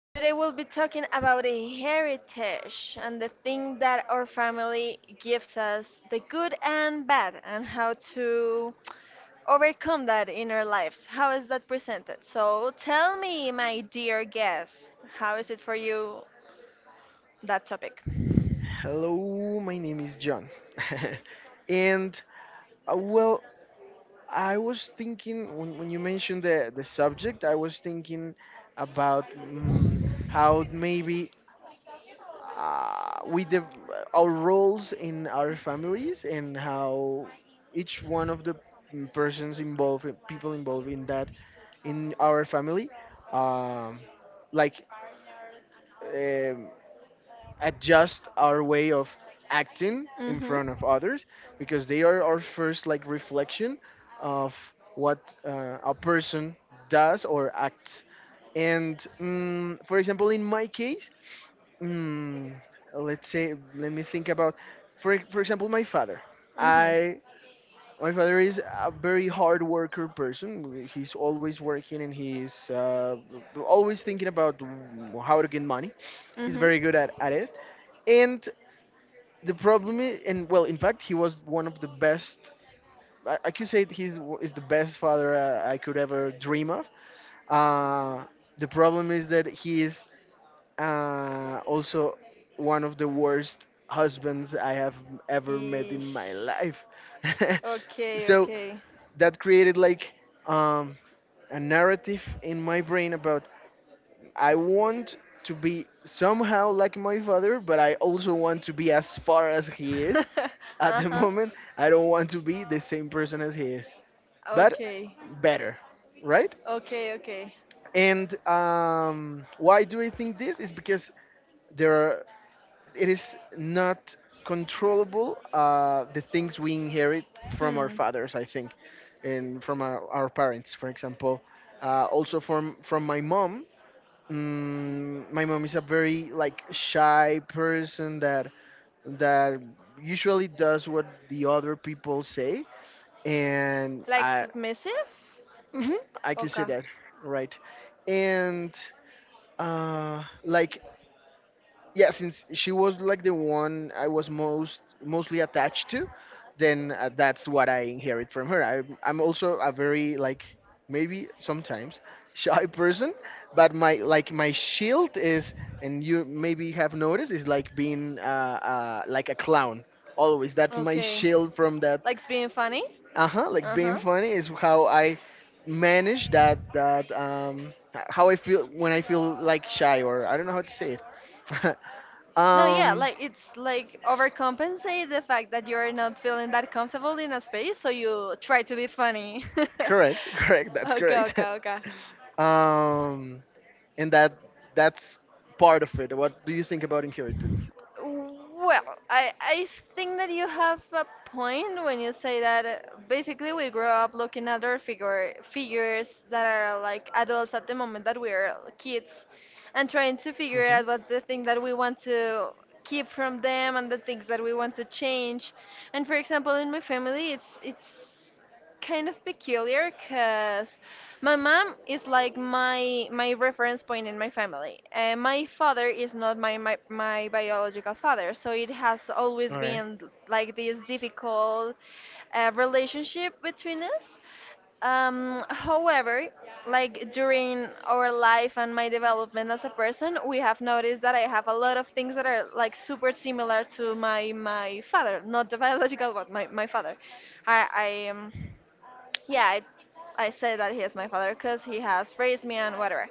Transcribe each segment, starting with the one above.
Today we'll be talking about a heritage and the thing that our family gives us, the good and bad, and how to overcome that in our lives. How is that presented? So tell me, my dear guest, how is it for you that topic? Hello, my name is John. and uh, well, I was thinking when you mentioned the subject, I was thinking about how maybe with our roles in our families and how each one of the people involved in that in our family, um, like. Um, adjust our way of acting in Mm-hmm. front of others because they are our first like reflection of what a person does or acts. And for example, in my case, mm, let's say, let me think about for example my father. Mm-hmm. I My father is a very hard worker person. He's always working and he's always thinking about how to get money. He's very Mm-hmm. good at it, and the problem is, and well, in fact, he was one of the best. I could say he's is the best father I could ever dream of. Uh, the problem is that he is also one of the worst husbands I have ever met in my Ish. life. Okay, So okay. that created like um, a narrative in my brain about I want to be somehow like my father, but I also want to be as far as he is. At the Uh-huh. moment, I don't want to be the same person as he is, but Okay, better, right? okay, okay. And why do I think this? Is because there are, it is not controllable, the things we inherit from our Hmm. fathers, I think, and from our parents, for example. Also from my mom. Mm, my mom is a very like shy person that that usually does what the other people say, and Like I submissive? mhm, I can say Okay, that, right. And, like, yeah, since she was like the one I was mostly attached to, then that's what I inherit from her. I'm also a very like maybe sometimes shy person, but my shield is, and you maybe have noticed, is like being like a clown always. That's my okay. shield from that. Likes being funny? Uh-huh, like Uh being huh. funny is how I manage that. How I feel when I feel like shy, or I don't know how to say it. No, yeah, Um, like it's like overcompensate the fact that you're not feeling that comfortable in a space, so you try to be funny. Correct, correct. That's Okay, correct. okay, okay. um, and that's part of it. What do you think about inheritance? Well, I think that you have a point when you say that basically we grow up looking at our figures that are like adults at the moment that we are kids and trying to figure Mhm. out what's the thing that we want to keep from them and the things that we want to change. And for example, in my family, it's kind of peculiar because my mom is like my reference point in my family. And my father is not my biological father, so it has always All right, been like this difficult relationship between us. However, like during our life and my development as a person, we have noticed that I have a lot of things that are like super similar to my father, not the biological, but my father. I am yeah, I say that he is my father because he has raised me and whatever.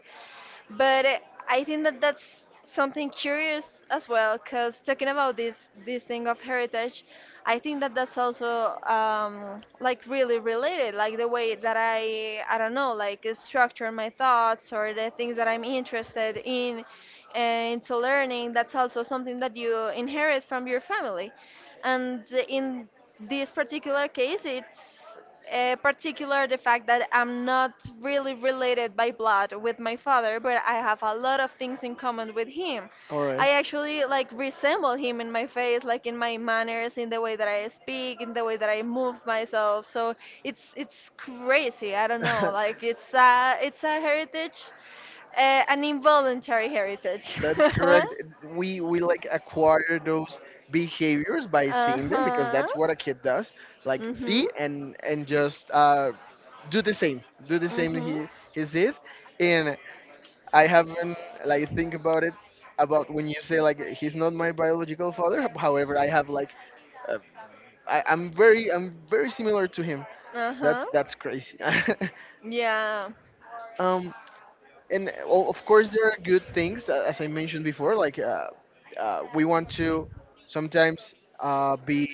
But I think that that's something curious as well because talking about this thing of heritage, I think that that's also like really related, like the way that I don't know like structure my thoughts or the things that I'm interested in into learning. That's also something that you inherit from your family and in this particular case it's particular the fact that I'm not really related by blood with my father, but I have a lot of things in common with him. all right. I actually like resemble him in my face, like in my manners, in the way that I speak, in the way that I move myself. So it's crazy, I don't know, like it's a heritage, an involuntary heritage. That's correct. We like acquire those behaviors by seeing them, because Uh-huh. that's what a kid does. Like Mhm. see, and just do the same, Mhm. He sees. And I haven't like think about it, about when you say like he's not my biological father. However, I have like uh, I'm very, I'm very similar to him. Uh huh. That's crazy. Yeah. um, and well, of course there are good things, as I mentioned before. Like we want to sometimes be.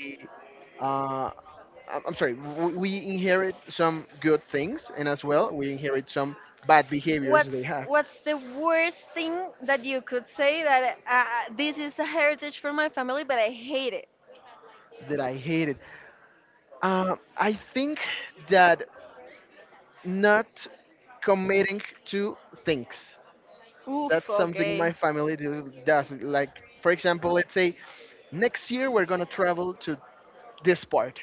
Uh, I'm sorry. We inherit some good things, and as well, we inherit some bad behaviors they What's have what's the worst thing that you could say that, this is a heritage from my family, but I hate it? that I hated. I think that not committing to things. Oof. That's something my Okay. family does. Like, for example, let's say next year we're going to travel to this part.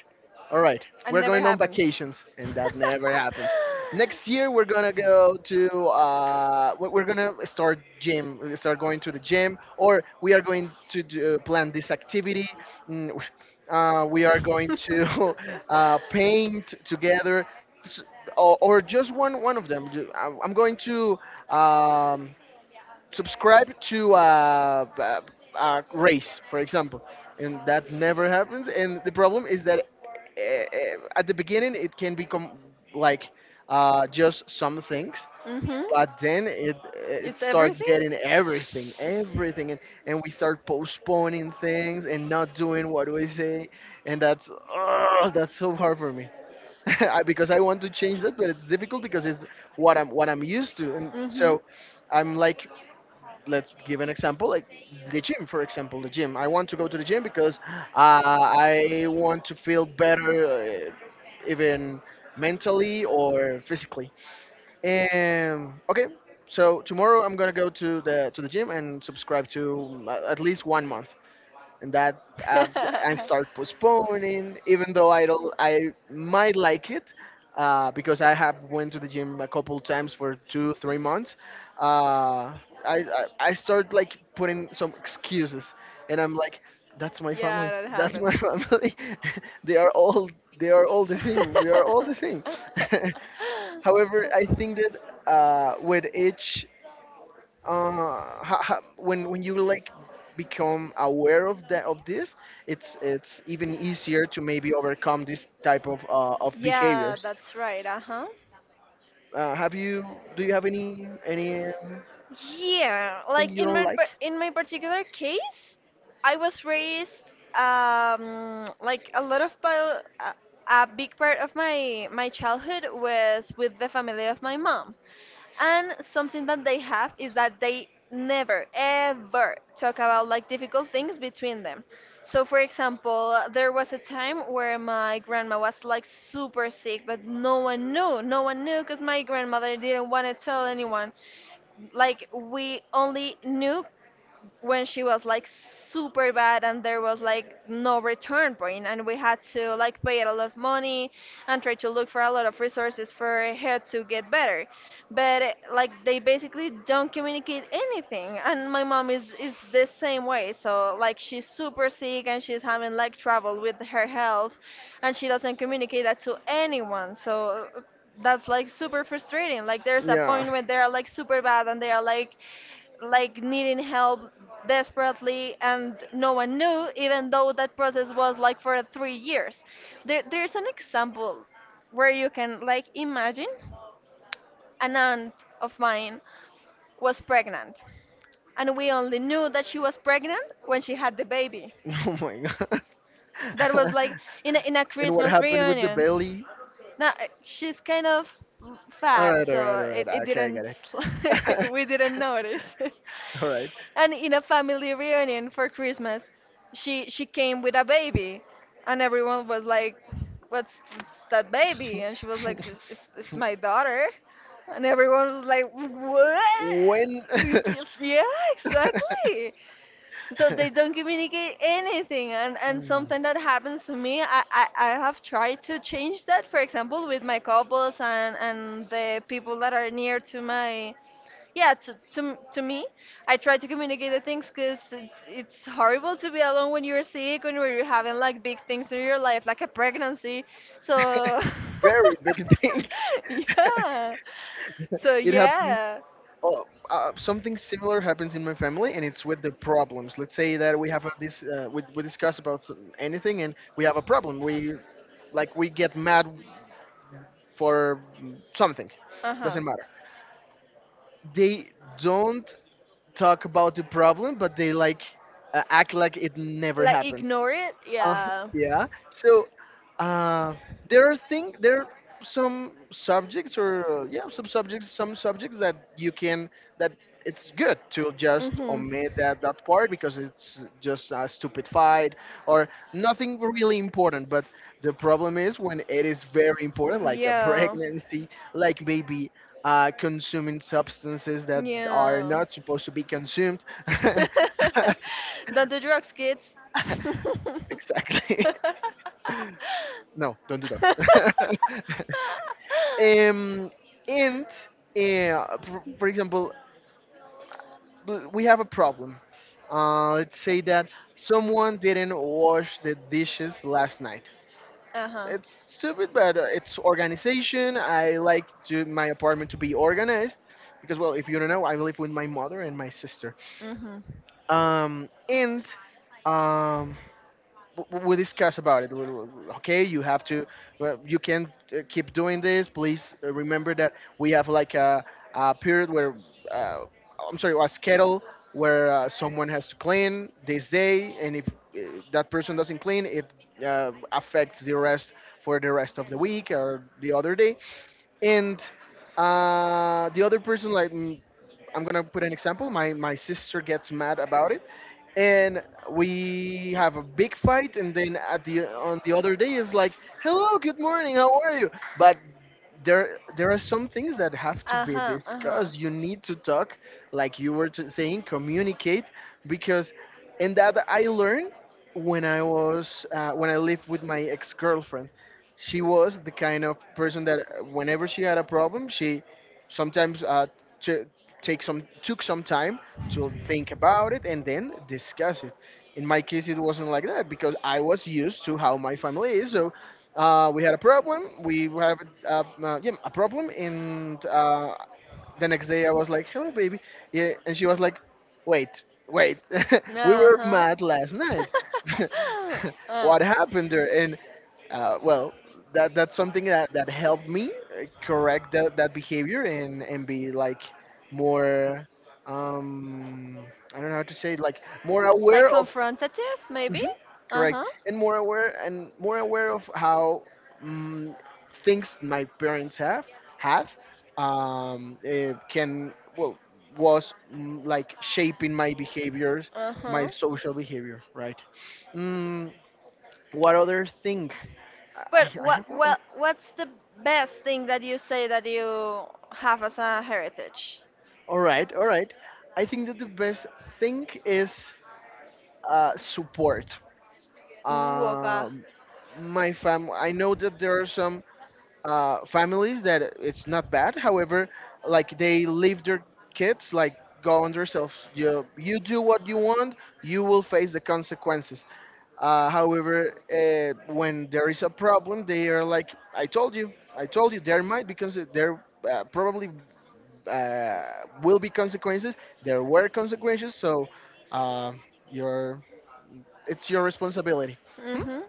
All right, we're going on Never vacations, and that happens. never happens. Next year we're going to go to, we're going to start gym, we start going to the gym, or we are going to do, plan this activity. Mm, uh, we are going to paint together. S- Or or just one of them. I'm going to um, subscribe to a race, for example, and that never happens. And the problem is that at the beginning it can become like just some things, Mm-hmm. but then it It's starts everything. getting everything, everything, and we start postponing things and not doing what we say, and that's ugh, that's so hard for me. Because I want to change that, but it's difficult because it's what I'm used to, and Mm-hmm. so I'm like, let's give an example. Like the gym, for example, the gym. I want to go to the gym because I want to feel better, even mentally or physically. Okay, so tomorrow I'm gonna go to the gym and subscribe to at least 1 month, and that I start postponing. Even though I don't, I might like it, because I have went to the gym a couple times for two, 3 months. Uh, I start like putting some excuses, and I'm like, that's my family, Yeah, that that's my happens. family. they are all they are all the same. We are all the same. However, I think that with each when you like become aware of this, it's even easier to maybe overcome this type of Yeah, behaviors. that's right. Uh huh. Have you do you have any Yeah, thing like you in don't like? In my particular case, I was raised like a lot of a big part of my my childhood was with the family of my mom. And something that they have is that they never ever talk about like difficult things between them. So for example, there was a time where my grandma was like super sick, but no one knew. No one knew because my grandmother didn't want to tell anyone. Like we only knew when she was like super bad and there was like no return point, and we had to like pay a lot of money and try to look for a lot of resources for her to get better. But like they basically don't communicate anything, and my mom is the same way, so like she's super sick and she's having like trouble with her health, and she doesn't communicate that to anyone. So that's like super frustrating. Like there's a Yeah. point when they are like super bad and they are like needing help desperately, and no one knew, even though that process was like for 3 years. There, there's an example where you can like imagine an aunt of mine was pregnant, and we only knew that she was pregnant when she had the baby. Oh my god. That was like in a And what christmas happened with the reunion. belly? No, she's kind of All fat, right, all right, so all right. it Okay, I got didn't it. we didn't notice. All right. And in a family reunion for Christmas, she came with a baby, and everyone was like, what's that baby?" And she was like, it's my daughter," and everyone was like, "What?" When? Yeah, exactly. So they don't communicate anything, and something that happens to me, I have tried to change that. For example, with my couples and the people that are near to yeah, to me, I try to communicate the things because it's horrible to be alone when you're sick, when you're having like big things in your life, like a pregnancy. So, Very big thing, yeah. So it happens. yeah. Uh, uh, something similar happens in my family, and it's with the problems. Let's say that we have a, this. We discuss about anything, and we have a problem. We like we get mad for something. Uh huh. Doesn't matter. They don't talk about the problem, but they like act like it never Like happened. ignore it. Uh, Yeah. yeah. So Um, uh, there are some subjects, or some subjects that you can that it's good to just Mm-hmm. That are omit not that part, because it's just a stupid fight or nothing really important. But the problem is when it is very important, like a pregnancy, like maybe. Consuming substances that are not supposed to be consumed. that's Don't do drugs, kids. Exactly. Exactly. No, don't do that. um, and for example, we have a problem. Let's say that someone didn't wash the dishes last night. Uh huh. It's stupid, but it's organization. I like to my apartment to be organized, because, well, if you don't know, I live with my mother and my sister. Mhm. Um, and um, we discuss about it. Okay, you have to, well, you can keep doing this. Please remember that we have like a period where, uh, I'm sorry, a schedule where someone has to clean this day, and if that person doesn't clean, it affects the rest for the rest of the week or the other day. And the other person, like, I'm gonna put an example. My sister gets mad about it, and we have a big fight, and then at the on the other day is like, hello, good morning, how are you? But there are some things that have to Uh be huh. discussed. You need to talk, like you were saying, communicate. Because, and that I learned when I was when I lived with my ex-girlfriend. She was the kind of person that whenever she had a problem she sometimes t- take some took some time to think about it and then discuss it. In my case, it wasn't like that, because I was used to how my family is. So we had a problem. We have yeah, a problem, and the next day I was like, "Hello, baby," yeah, and she was like, "Wait, wait, Uh huh. we were Uh mad last huh. night. Uh. What happened there?" Uh, well, that that's something that helped me correct that behavior, and be like more um I don't know how to say it, like more aware Like of. confrontative, maybe. Mhm, Uh correct, huh. and more aware, of how um, things my parents have had it can, well, was, like shaping my behaviors, Uh my huh. social behavior, right. Mm, what other thing? But I have. what's the best thing that you say that you have as a heritage? All right, all right. I think that the best thing is support. Ooh, okay. Um, my fam. I know that there are some families that it's not bad. However, like they leave their kids like go on themselves. You do what you want. You will face the consequences. However, when there is a problem, they are like, I told you, there might, because there probably uh, will be consequences. There were consequences, so uh, your it's your responsibility. Hmm? Mhm.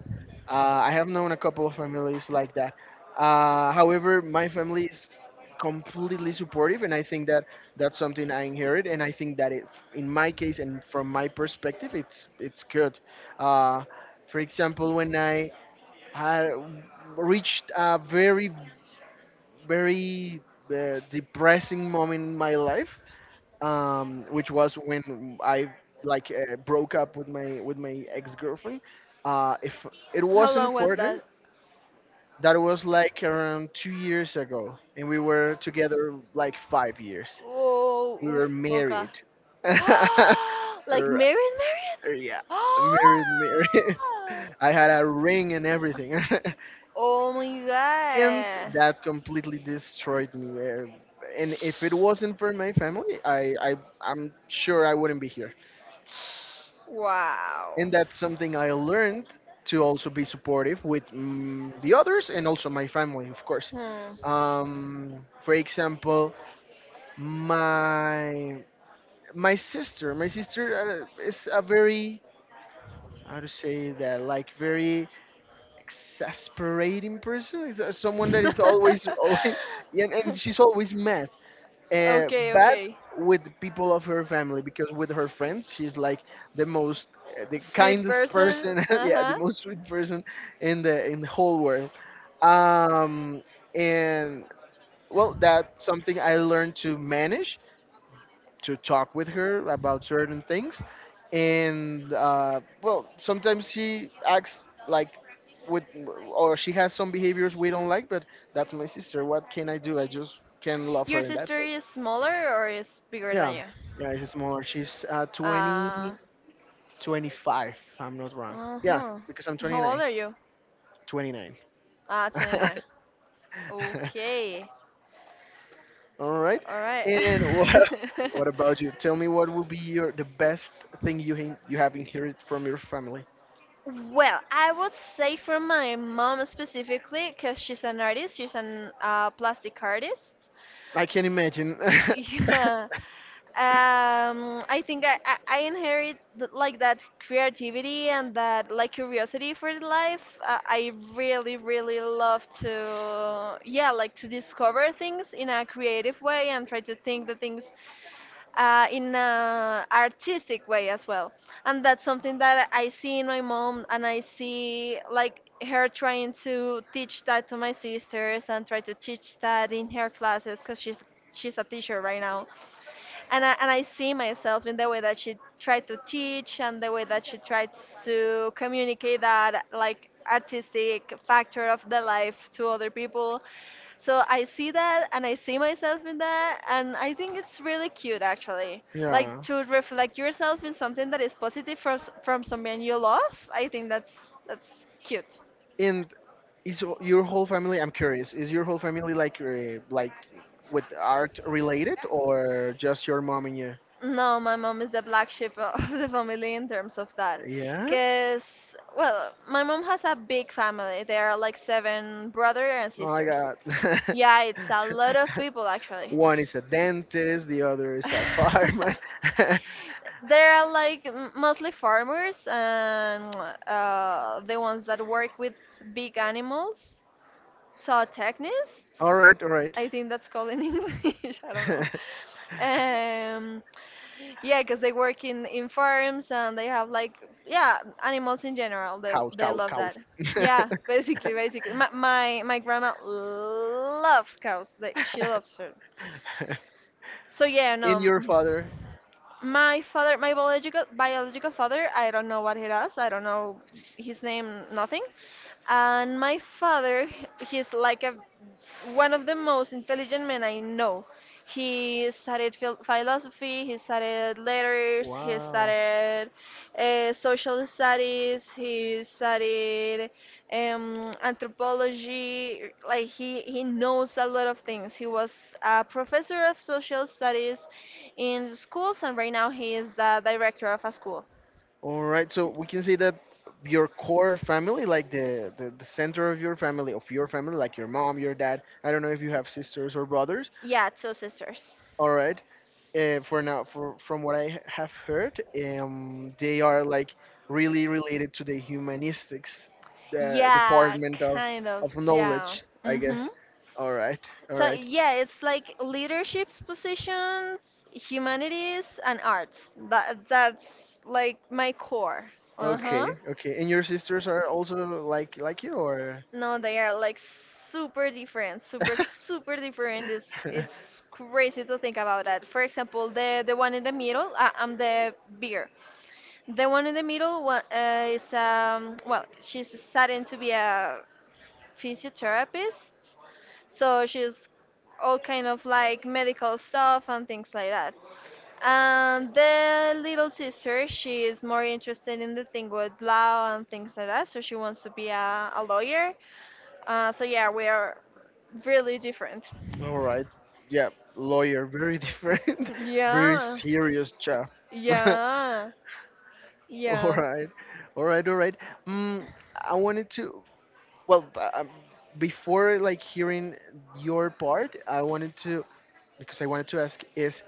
I have known a couple of families like that. However, my family is completely supportive, and I think that that's something I inherit, and I think that it, in my case and from my perspective, it's good. Uh, for example, when I had reached a very depressing moment in my life, which was when I like broke up with my ex girlfriend. If it How wasn't long was for them, that? that was like around 2 years ago, and we were together like 5 years. Oh, We were oof, okay. married. Like Or- Marion, Marion. yeah, married, married. I had a ring and everything, Oh my and god! that completely destroyed me. And if it wasn't for my family, I'm sure I wouldn't be here. Wow. And that's something I learned to also be supportive with the others, and also my family, of course. Hmm. For example, my my sister is a very, how to say that, like, very exasperating person. Is someone that is always always, and she's always mad, Okay, but okay. with the people of her family, because with her friends she's like the most, the Sweet kindest person. person, Uh yeah, the huh. most sweet person in the whole world. um and, well, that's something I learned to manage, to talk with her about certain things. And well, sometimes she acts like, with, or she has some behaviors we don't like, but that's my sister. What can I do? I just can love Your her, and that's sister it. is smaller or is bigger than Yeah, you? yeah, it's smaller. She's Uh, 20, 25, if I'm not wrong. Yeah, uh-huh. because I'm How old 29. are you? 29. Ah, 29. Okay. All right. All right. And what, what about you? Tell me, what will be your, the best thing you have inherited from your family? Well, I would say for my mom specifically, because she's an artist, she's an plastic artist. I can imagine. Yeah. I think I inherit like that creativity and that like curiosity for the life. I really, really love to, yeah, like to discover things in a creative way, and try to think the things in a artistic way as well. And that's something that I see in my mom, and I see like her trying to teach that to my sisters and try to teach that in her classes because she's a teacher right now, and I see myself in the way that she tried to teach and the way that she tried to communicate that like artistic factor of the life to other people. So I see that, and I see myself in that, and I think it's really cute actually. Like Yeah. to reflect yourself in something that is positive from from someone you love. I think that's cute. And your whole family, I'm curious, is your whole family like, like with art related, or just your mom and you? No, my mom is the black sheep of the family in terms of that. Yeah. Because, well, my mom has a big family. There are like seven brothers and Oh my sisters. God. Yeah, it's a lot of people actually. One is a dentist, the other is a fireman. There are like mostly farmers and the ones that work with big animals. Saw All technists, right, all right. I think that's called in English. I don't know. Um, yeah, because they work in farms, and they have like yeah animals in general. Cows, They cows, love that. cows. Yeah, basically, basically. My grandma loves cows. Like she loves her. So yeah, In no. your Mm, father. my father, my biological father, I don't know what he does. I don't know his name, nothing. And my father, he's like a one of the most intelligent men I know. He studied philosophy, he studied letters, he Wow. studied social studies, he studied anthropology. Like he knows a lot of things. He was a professor of social studies in schools, and right now he is the director of a school. All right, so we can say that your core family, like the center of your family, like your mom, your dad, I don't know if you have sisters or brothers. Yeah, two sisters. All right. For now, from what I have heard, they are like really related to the humanistics, the Yeah, department of kind of. of Yeah. knowledge, I Hmm. guess. All right, all So right. yeah, it's like leaderships positions, humanities, and arts. That that's like my core. Uh huh. Okay, okay. And your sisters are also like you, or... No, they are like super different, super super different. It's crazy to think about that. For example, the one in the middle, I'm the beer. The one in the middle is well, she's studying to be a physiotherapist, so she's all kind of like medical stuff and things like that. And the little sister, she is more interested in the thing with law and things like that, so she wants to be a lawyer. So yeah, we are really different. All right. Yeah, lawyer, very different. Very Yeah, serious job. yeah, All yeah. right, all right, all right. mm, I wanted to, well, before like hearing your part, I wanted to, because I wanted to ask is,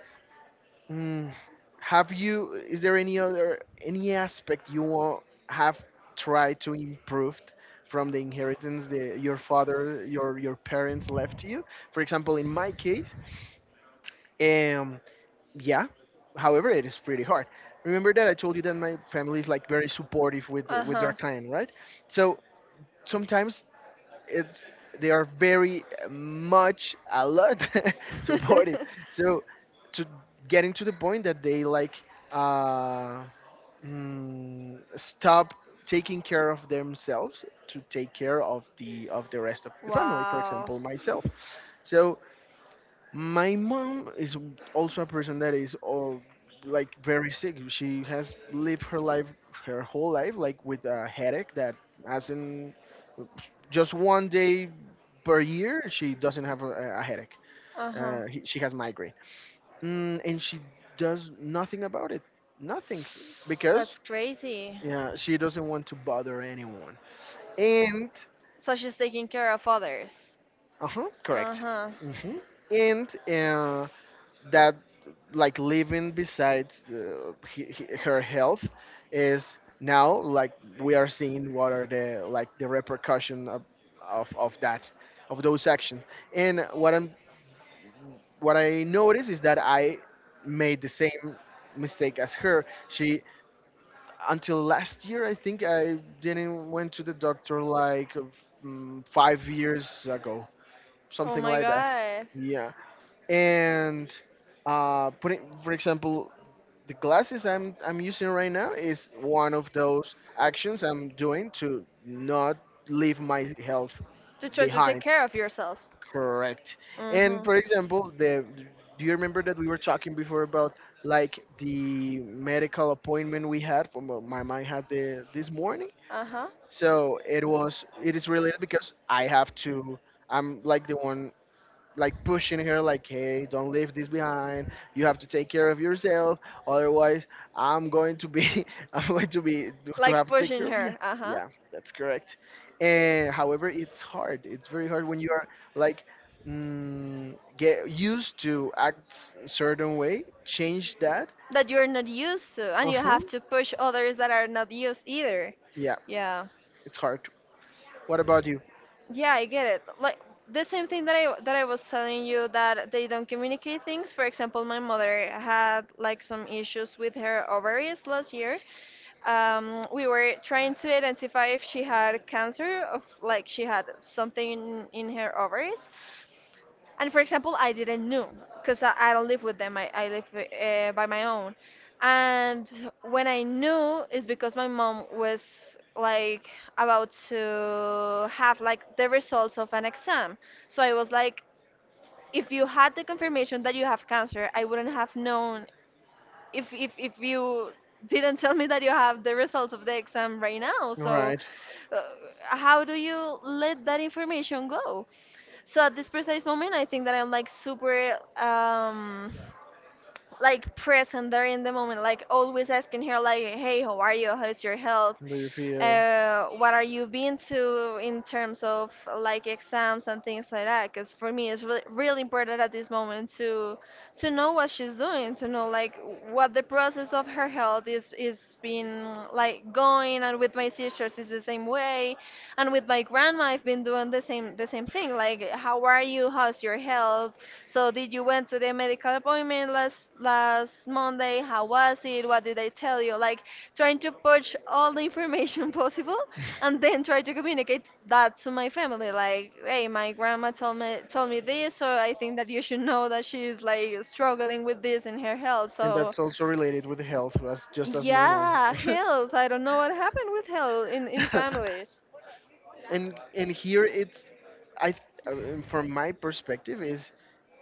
mm, have you, is there any other, any aspect you want, have tried to improve from the inheritance that your parents left to you? For example, in my case, um, yeah. However, it is pretty hard. Remember that I told you that my family is like very supportive with Uh with their huh. client, right? So sometimes it's they are very much a lot supportive. So, to getting to the point that they like uh, stop taking care of themselves to take care of the rest of the family. For Wow. example, myself. So my mom is also a person that is all like very sick. She has lived her life, her whole life, like with a headache that hasn't, just one day per year she doesn't have a headache. Uh huh. She has migraine, and she does nothing about it. Nothing, That's because, crazy. yeah, she doesn't want to bother anyone. And So she's taking care of others. uh huh, Uh correct. huh. Hmm. And that, like living besides, her health is now like, we are seeing what are the, like, the repercussion of that, of those actions. And what I noticed is that I made the same mistake as her. She Until last year, I think, I didn't went to the doctor, like, 5 years ago, Oh something my like that. god. Yeah. And putting, for example, the glasses I'm using right now is one of those actions I'm doing to not leave my health To try to behind. take care of yourself. Correct. Uh And huh. for example, the do you remember that we were talking before about, like, the medical appointment we had from, my mom had the this morning? Uh huh. So it is related, because I have to. I'm like the one like pushing her, like, hey, don't leave this behind, you have to take care of yourself, otherwise I'm going to be, I'm going to Like have to take pushing care of you. her. Uh huh. Yeah, that's correct. And however, it's hard, it's very hard when you are like, get used to act certain way, change that. That you're not used to, and you Uh-huh. have to push others that are not used either. Yeah, Yeah. it's hard. What about you? Yeah, I get it. Like the same thing that I was telling you, that they don't communicate things. For example, my mother had like some issues with her ovaries last year. We were trying to identify if she had cancer of like she had something in her ovaries, and for example I didn't know because I don't live with them I live by my own, and when I knew is because my mom was like about to have like the results of an exam. So I was like, if you had the confirmation that you have cancer, I wouldn't have known if you didn't tell me that you have the results of the exam right now. All So right. uh, how do you let that information go? So at this precise moment I think that I'm like super like present there in the moment, like always asking her like, "Hey, how are you? How's your health? Do you feel, What are you been to in terms of like exams and things like that?" Because for me, it's really really important at this moment to know what she's doing, to know like what the process of her health is being like going, and with my sisters it's the same way, and with my grandma I've been doing the same thing. Like, how are you? How's your health? So did you went to the medical appointment last Monday? How was it? What did they tell you? Like trying to purge all the information possible and then try to communicate that to my family. Like, hey, my grandma told me this, so I think that you should know that she's like struggling with this in her health. and So that's also related with health, as just as my mom. yeah, health. I don't know what happened with health in families. And here, it's, from my perspective, is,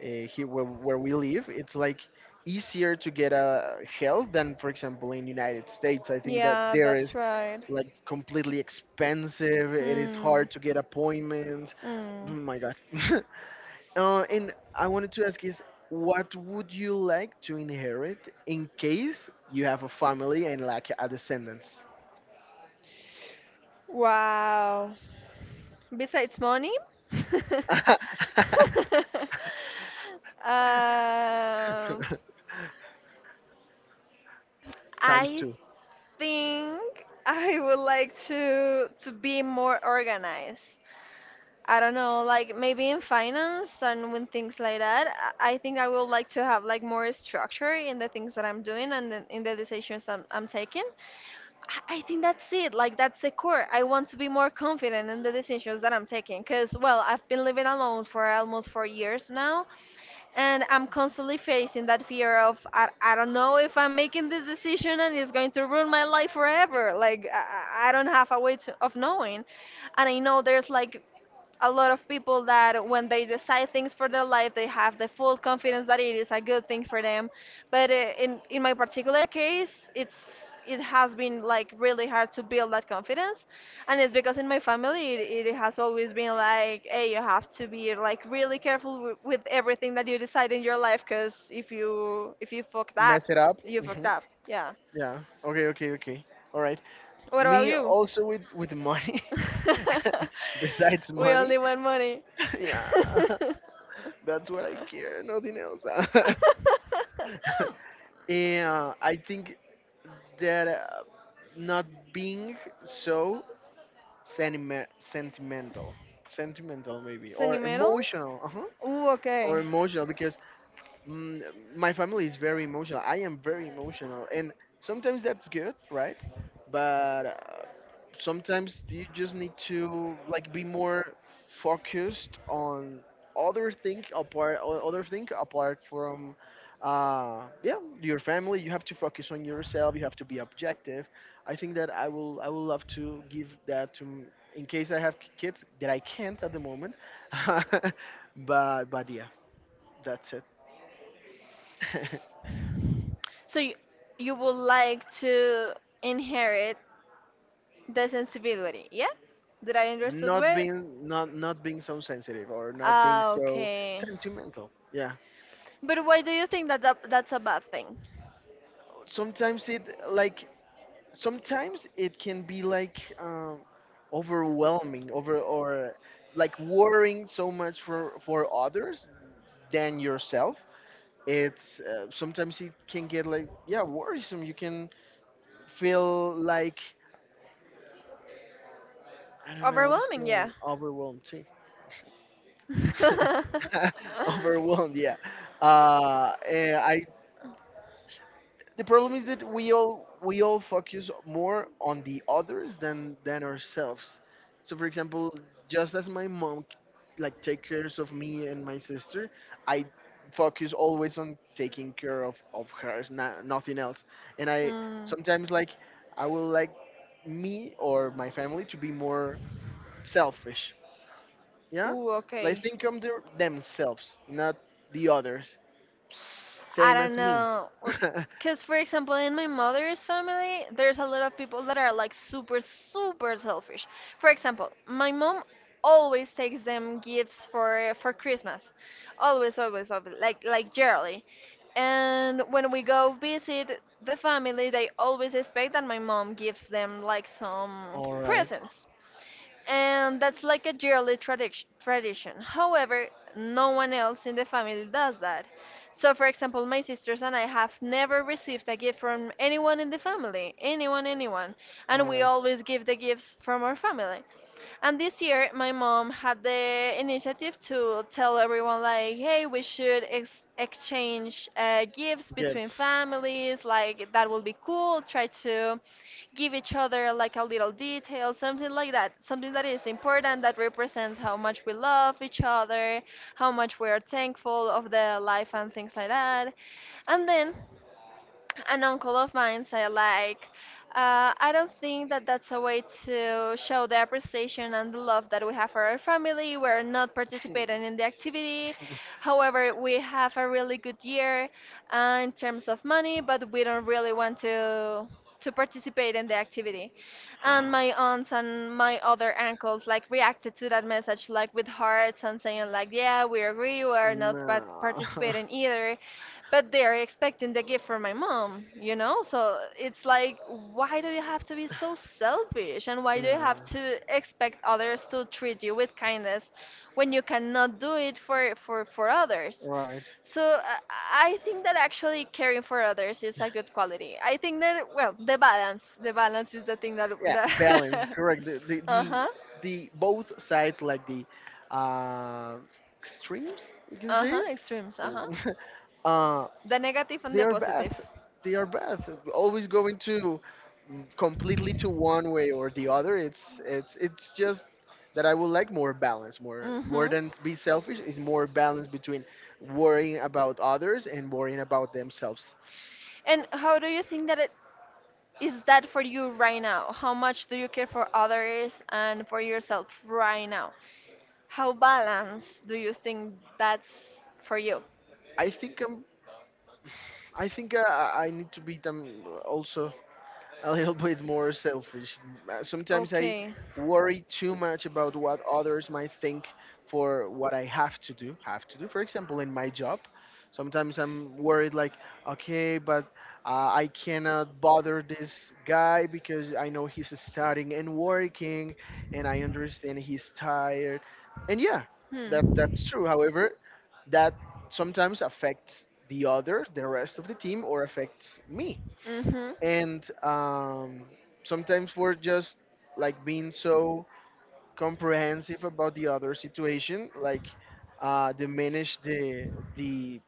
here, where we live, it's like easier to get a health than, for example, in United States. I think that Yeah, there is that's right. like completely expensive, it is Hmm. hard to get appointments. Oh Hmm. my God. And I wanted to ask is, what would you like to inherit in case you have a family and like a descendants? Wow. Besides money? Um, Times I two. think I would like to be more organized. I don't know, like maybe in finance and when things like that, I think I would like to have like more structure in the things that I'm doing and in the decisions I'm taking. I think that's it. Like that's the core. I want to be more confident in the decisions that I'm taking because well, I've been living alone for almost 4 years now, and I'm constantly facing that fear of I don't know if I'm making this decision and it's going to ruin my life forever. Like I don't have a way to, of knowing, and I know there's like a lot of people that when they decide things for their life they have the full confidence that it is a good thing for them, but in my particular case it's it has been like really hard to build that confidence, and it's because in my family it has always been like, hey, you have to be like really careful with everything that you decide in your life because if you fucked up, Mess it up. you fucked Hmm. up, yeah. Yeah. Okay. Okay. Okay. All right. What about Me you? also, with money. Besides We money, only want money. yeah, that's what I care. Nothing else. Yeah, I think that not being so sentimental, sentimental maybe, Sunny or metal? emotional, uh-huh, Ooh, or okay. emotional because, Mm, my family is very emotional. I am very emotional, and sometimes that's good, right? But sometimes you just need to, like, be more focused on other thing apart, other thing apart from, yeah, your family. You have to focus on yourself. You have to be objective. I think that I will love to give that to, in case I have kids, that I can't at the moment. But, yeah, that's it. So you would like to inherit the sensibility, yeah? Did I understood well? Not being so sensitive, or not being Ah, so okay. sentimental, yeah. But why do you think that, that that's a bad thing? Sometimes it, like, sometimes it can be like, overwhelming, over or like worrying so much for others than yourself. It's, sometimes it can get like, yeah, worrisome. You can feel like, I don't know how to say Overwhelming, yeah. it, overwhelmed too. Overwhelmed, yeah. Eh, I The problem is that we all focus more on the others than ourselves. So, for example, just as my mom like take cares of me and my sister, I focus always on taking care of hers, nothing else. And i Mm. sometimes, like, I will like me or my family to be more selfish, yeah, Ooh, like, okay. think of themselves, not the others, I same don't as me. know. Because, for example, in my mother's family, there's a lot of people that are like super, super selfish. For example, my mom always takes them gifts for Christmas, always, always, always, like yearly. And when we go visit the family, they always expect that my mom gives them like some All right. presents, and that's like a yearly tradition. Tradition. However, no one else in the family does that. So, for example, my sisters and I have never received a gift from anyone in the family, anyone, anyone, and All we right. always give the gifts from our family. And this year, my mom had the initiative to tell everyone, like, hey, we should exchange gifts between Gifts. families. Like, that will be cool. Try to give each other, like, a little detail, something like that. Something that is important, that represents how much we love each other, how much we are thankful of the life, and things like that. And then an uncle of mine said like, I don't think that that's a way to show the appreciation and the love that we have for our family. We're not participating in the activity. However, we have a really good year in terms of money, but we don't really want to participate in the activity. And my aunts and my other uncles like reacted to that message like with hearts and saying like, yeah, we agree, we're not No. participating either. But they're expecting the gift from my mom, you know? So it's like, why do you have to be so selfish? And why do you have Yeah. to expect others to treat you with kindness when you cannot do it for others? Right. So I think that actually caring for others is a good quality. I think that, well, the balance is the thing that, Yeah, balance, that correct. the the the, uh-huh, the both sides, like the, uh, extremes, you can say. uh-huh, extremes, So, uh-huh. uh The negative and they the are bad, positive. they are bad, always going to, completely, to one way or the other. It's just that I would like more balance. More, more Hmm. than be selfish, is more balance between worrying about others and worrying about themselves. And how do you think that it is that for you right now? How much do you care for others and for yourself right now? How balanced do you think that's for you? I think, I need to beat them also a little bit more selfish. Sometimes I Okay. worry too much about what others might think for what I have to do. Have to do, for example, in my job. Sometimes I'm worried, like, okay, but, I cannot bother this guy because I know he's studying and working, and I understand he's tired. And yeah, Hmm. That's true. However, that sometimes affects the other, the rest of the team, or affects me. Mm-hmm. And, sometimes we're just like being so comprehensive about the other situation, like, diminish the,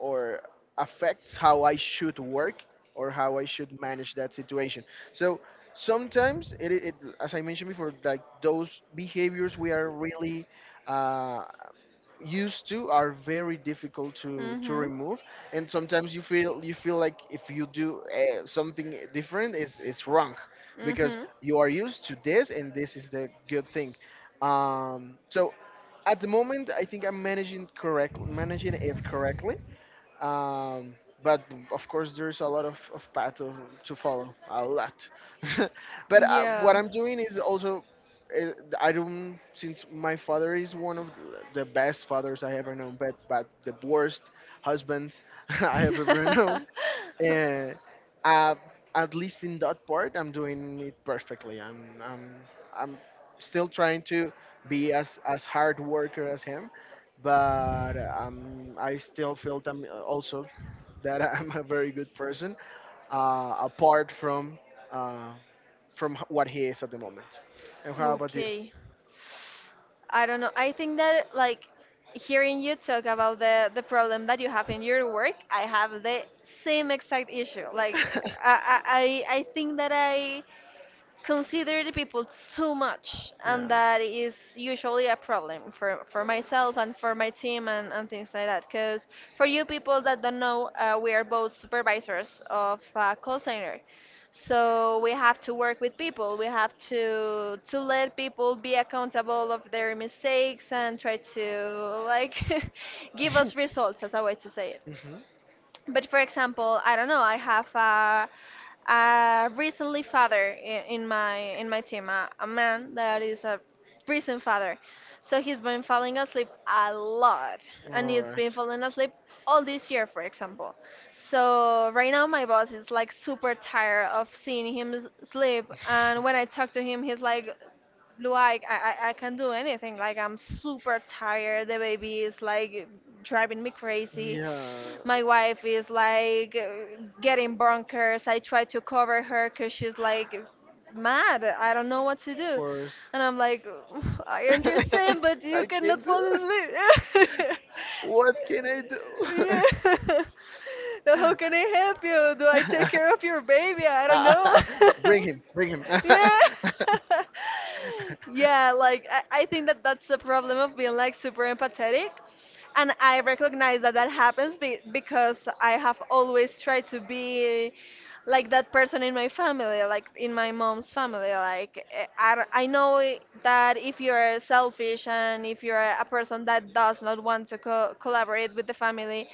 or affects how I should work or how I should manage that situation. So sometimes it, as I mentioned before, like those behaviors we are really, uh, used to, are very difficult to Mm-hmm. remove. And sometimes you feel like, if you do something different, is wrong, because Mm-hmm. you are used to this, and this is the good thing. So at the moment, I think I'm managing, correct managing it correctly. um, but of course, there's a lot of path to follow, a lot. But Yeah. what I'm doing is also, uh, I don't since my father is one of the best fathers I ever known, but the worst husbands I have ever known. uh, uh, at least in that part, I'm doing it perfectly. I'm still trying to be as hard worker as him, but, I still feel that I'm also that, I'm a very good person, apart uh, from h- what he is at the moment. And how about you? Okay. I don't know. I think that like hearing you talk about the problem that you have in your work, I have the same exact issue. Like I I I think that I consider the people too much Yeah. and that is usually a problem for myself and for my team and things like that because for you people that don't know, we are both supervisors of a call center, so we have to work with people, we have to let people be accountable of their mistakes and try to like give us results as a way to say it. Mhm. But for example, I don't know. I have a recently father in my in my team, a man that is a recent father. So he's been falling asleep a lot, and All he's right. been falling asleep all this year, for example. So right now my boss is like super tired of seeing him sleep, and when I talk to him, he's like I can't do anything. Like I'm super tired. The baby is like driving me crazy, Yeah, my of wife is like getting bonkers. I try to cover her because she's like mad. I don't know what to do. course. And I'm like, I understand, but you I cannot can't do. fall asleep. What can I do? Yeah. So how can I help you? Do I take care of your baby? I don't know. Bring him, bring him. Yeah. Yeah, like I think that that's the problem of being like super empathetic, and I recognize that that happens because I have always tried to be like that person in my family, like in my mom's family. Like eh, I know that if you're selfish and if you're a person that does not want to collaborate with the family,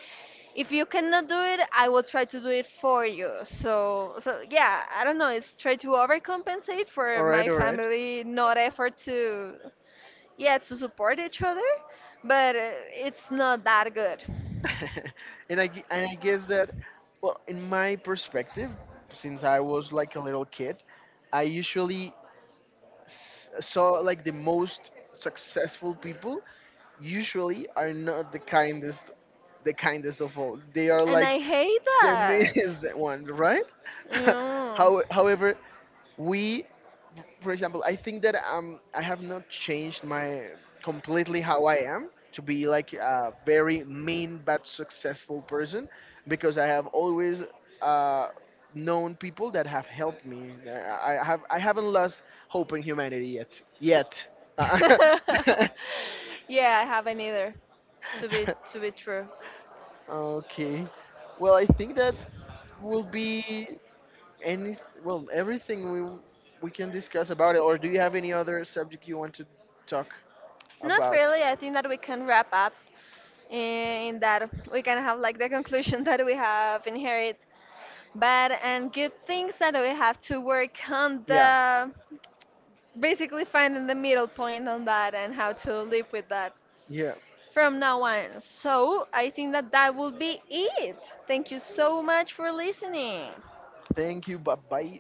if you cannot do it, I will try to do it for you. So so yeah, I don't know. It's try to overcompensate for All right, my all right. family not effort to yeah to support each other, but it's not that good. And I guess that, well, in my perspective, since I was like a little kid, I usually saw, like, the most successful people usually are not the kindest, the kindest of all. They are And like I hate the that. meanest one, right? Yeah. However, we for example, I think that I have not changed my completely, how I am, to be like a very mean but successful person, because I have always uh known people that have helped me. I haven't lost hope in humanity yet. Yet. Yeah, I haven't either, to be true. Okay. Well, I think that will be any, well, everything we can discuss about it, or do you have any other subject you want to talk Not about? really. I think that we can wrap up in that we can have like the conclusion that we have inherited bad and good things that we have to work on Yeah, the, basically finding the middle point on that and how to live with that yeah. from now on. So I think that that will be it. Thank you so much for listening. Thank you. Bye bye.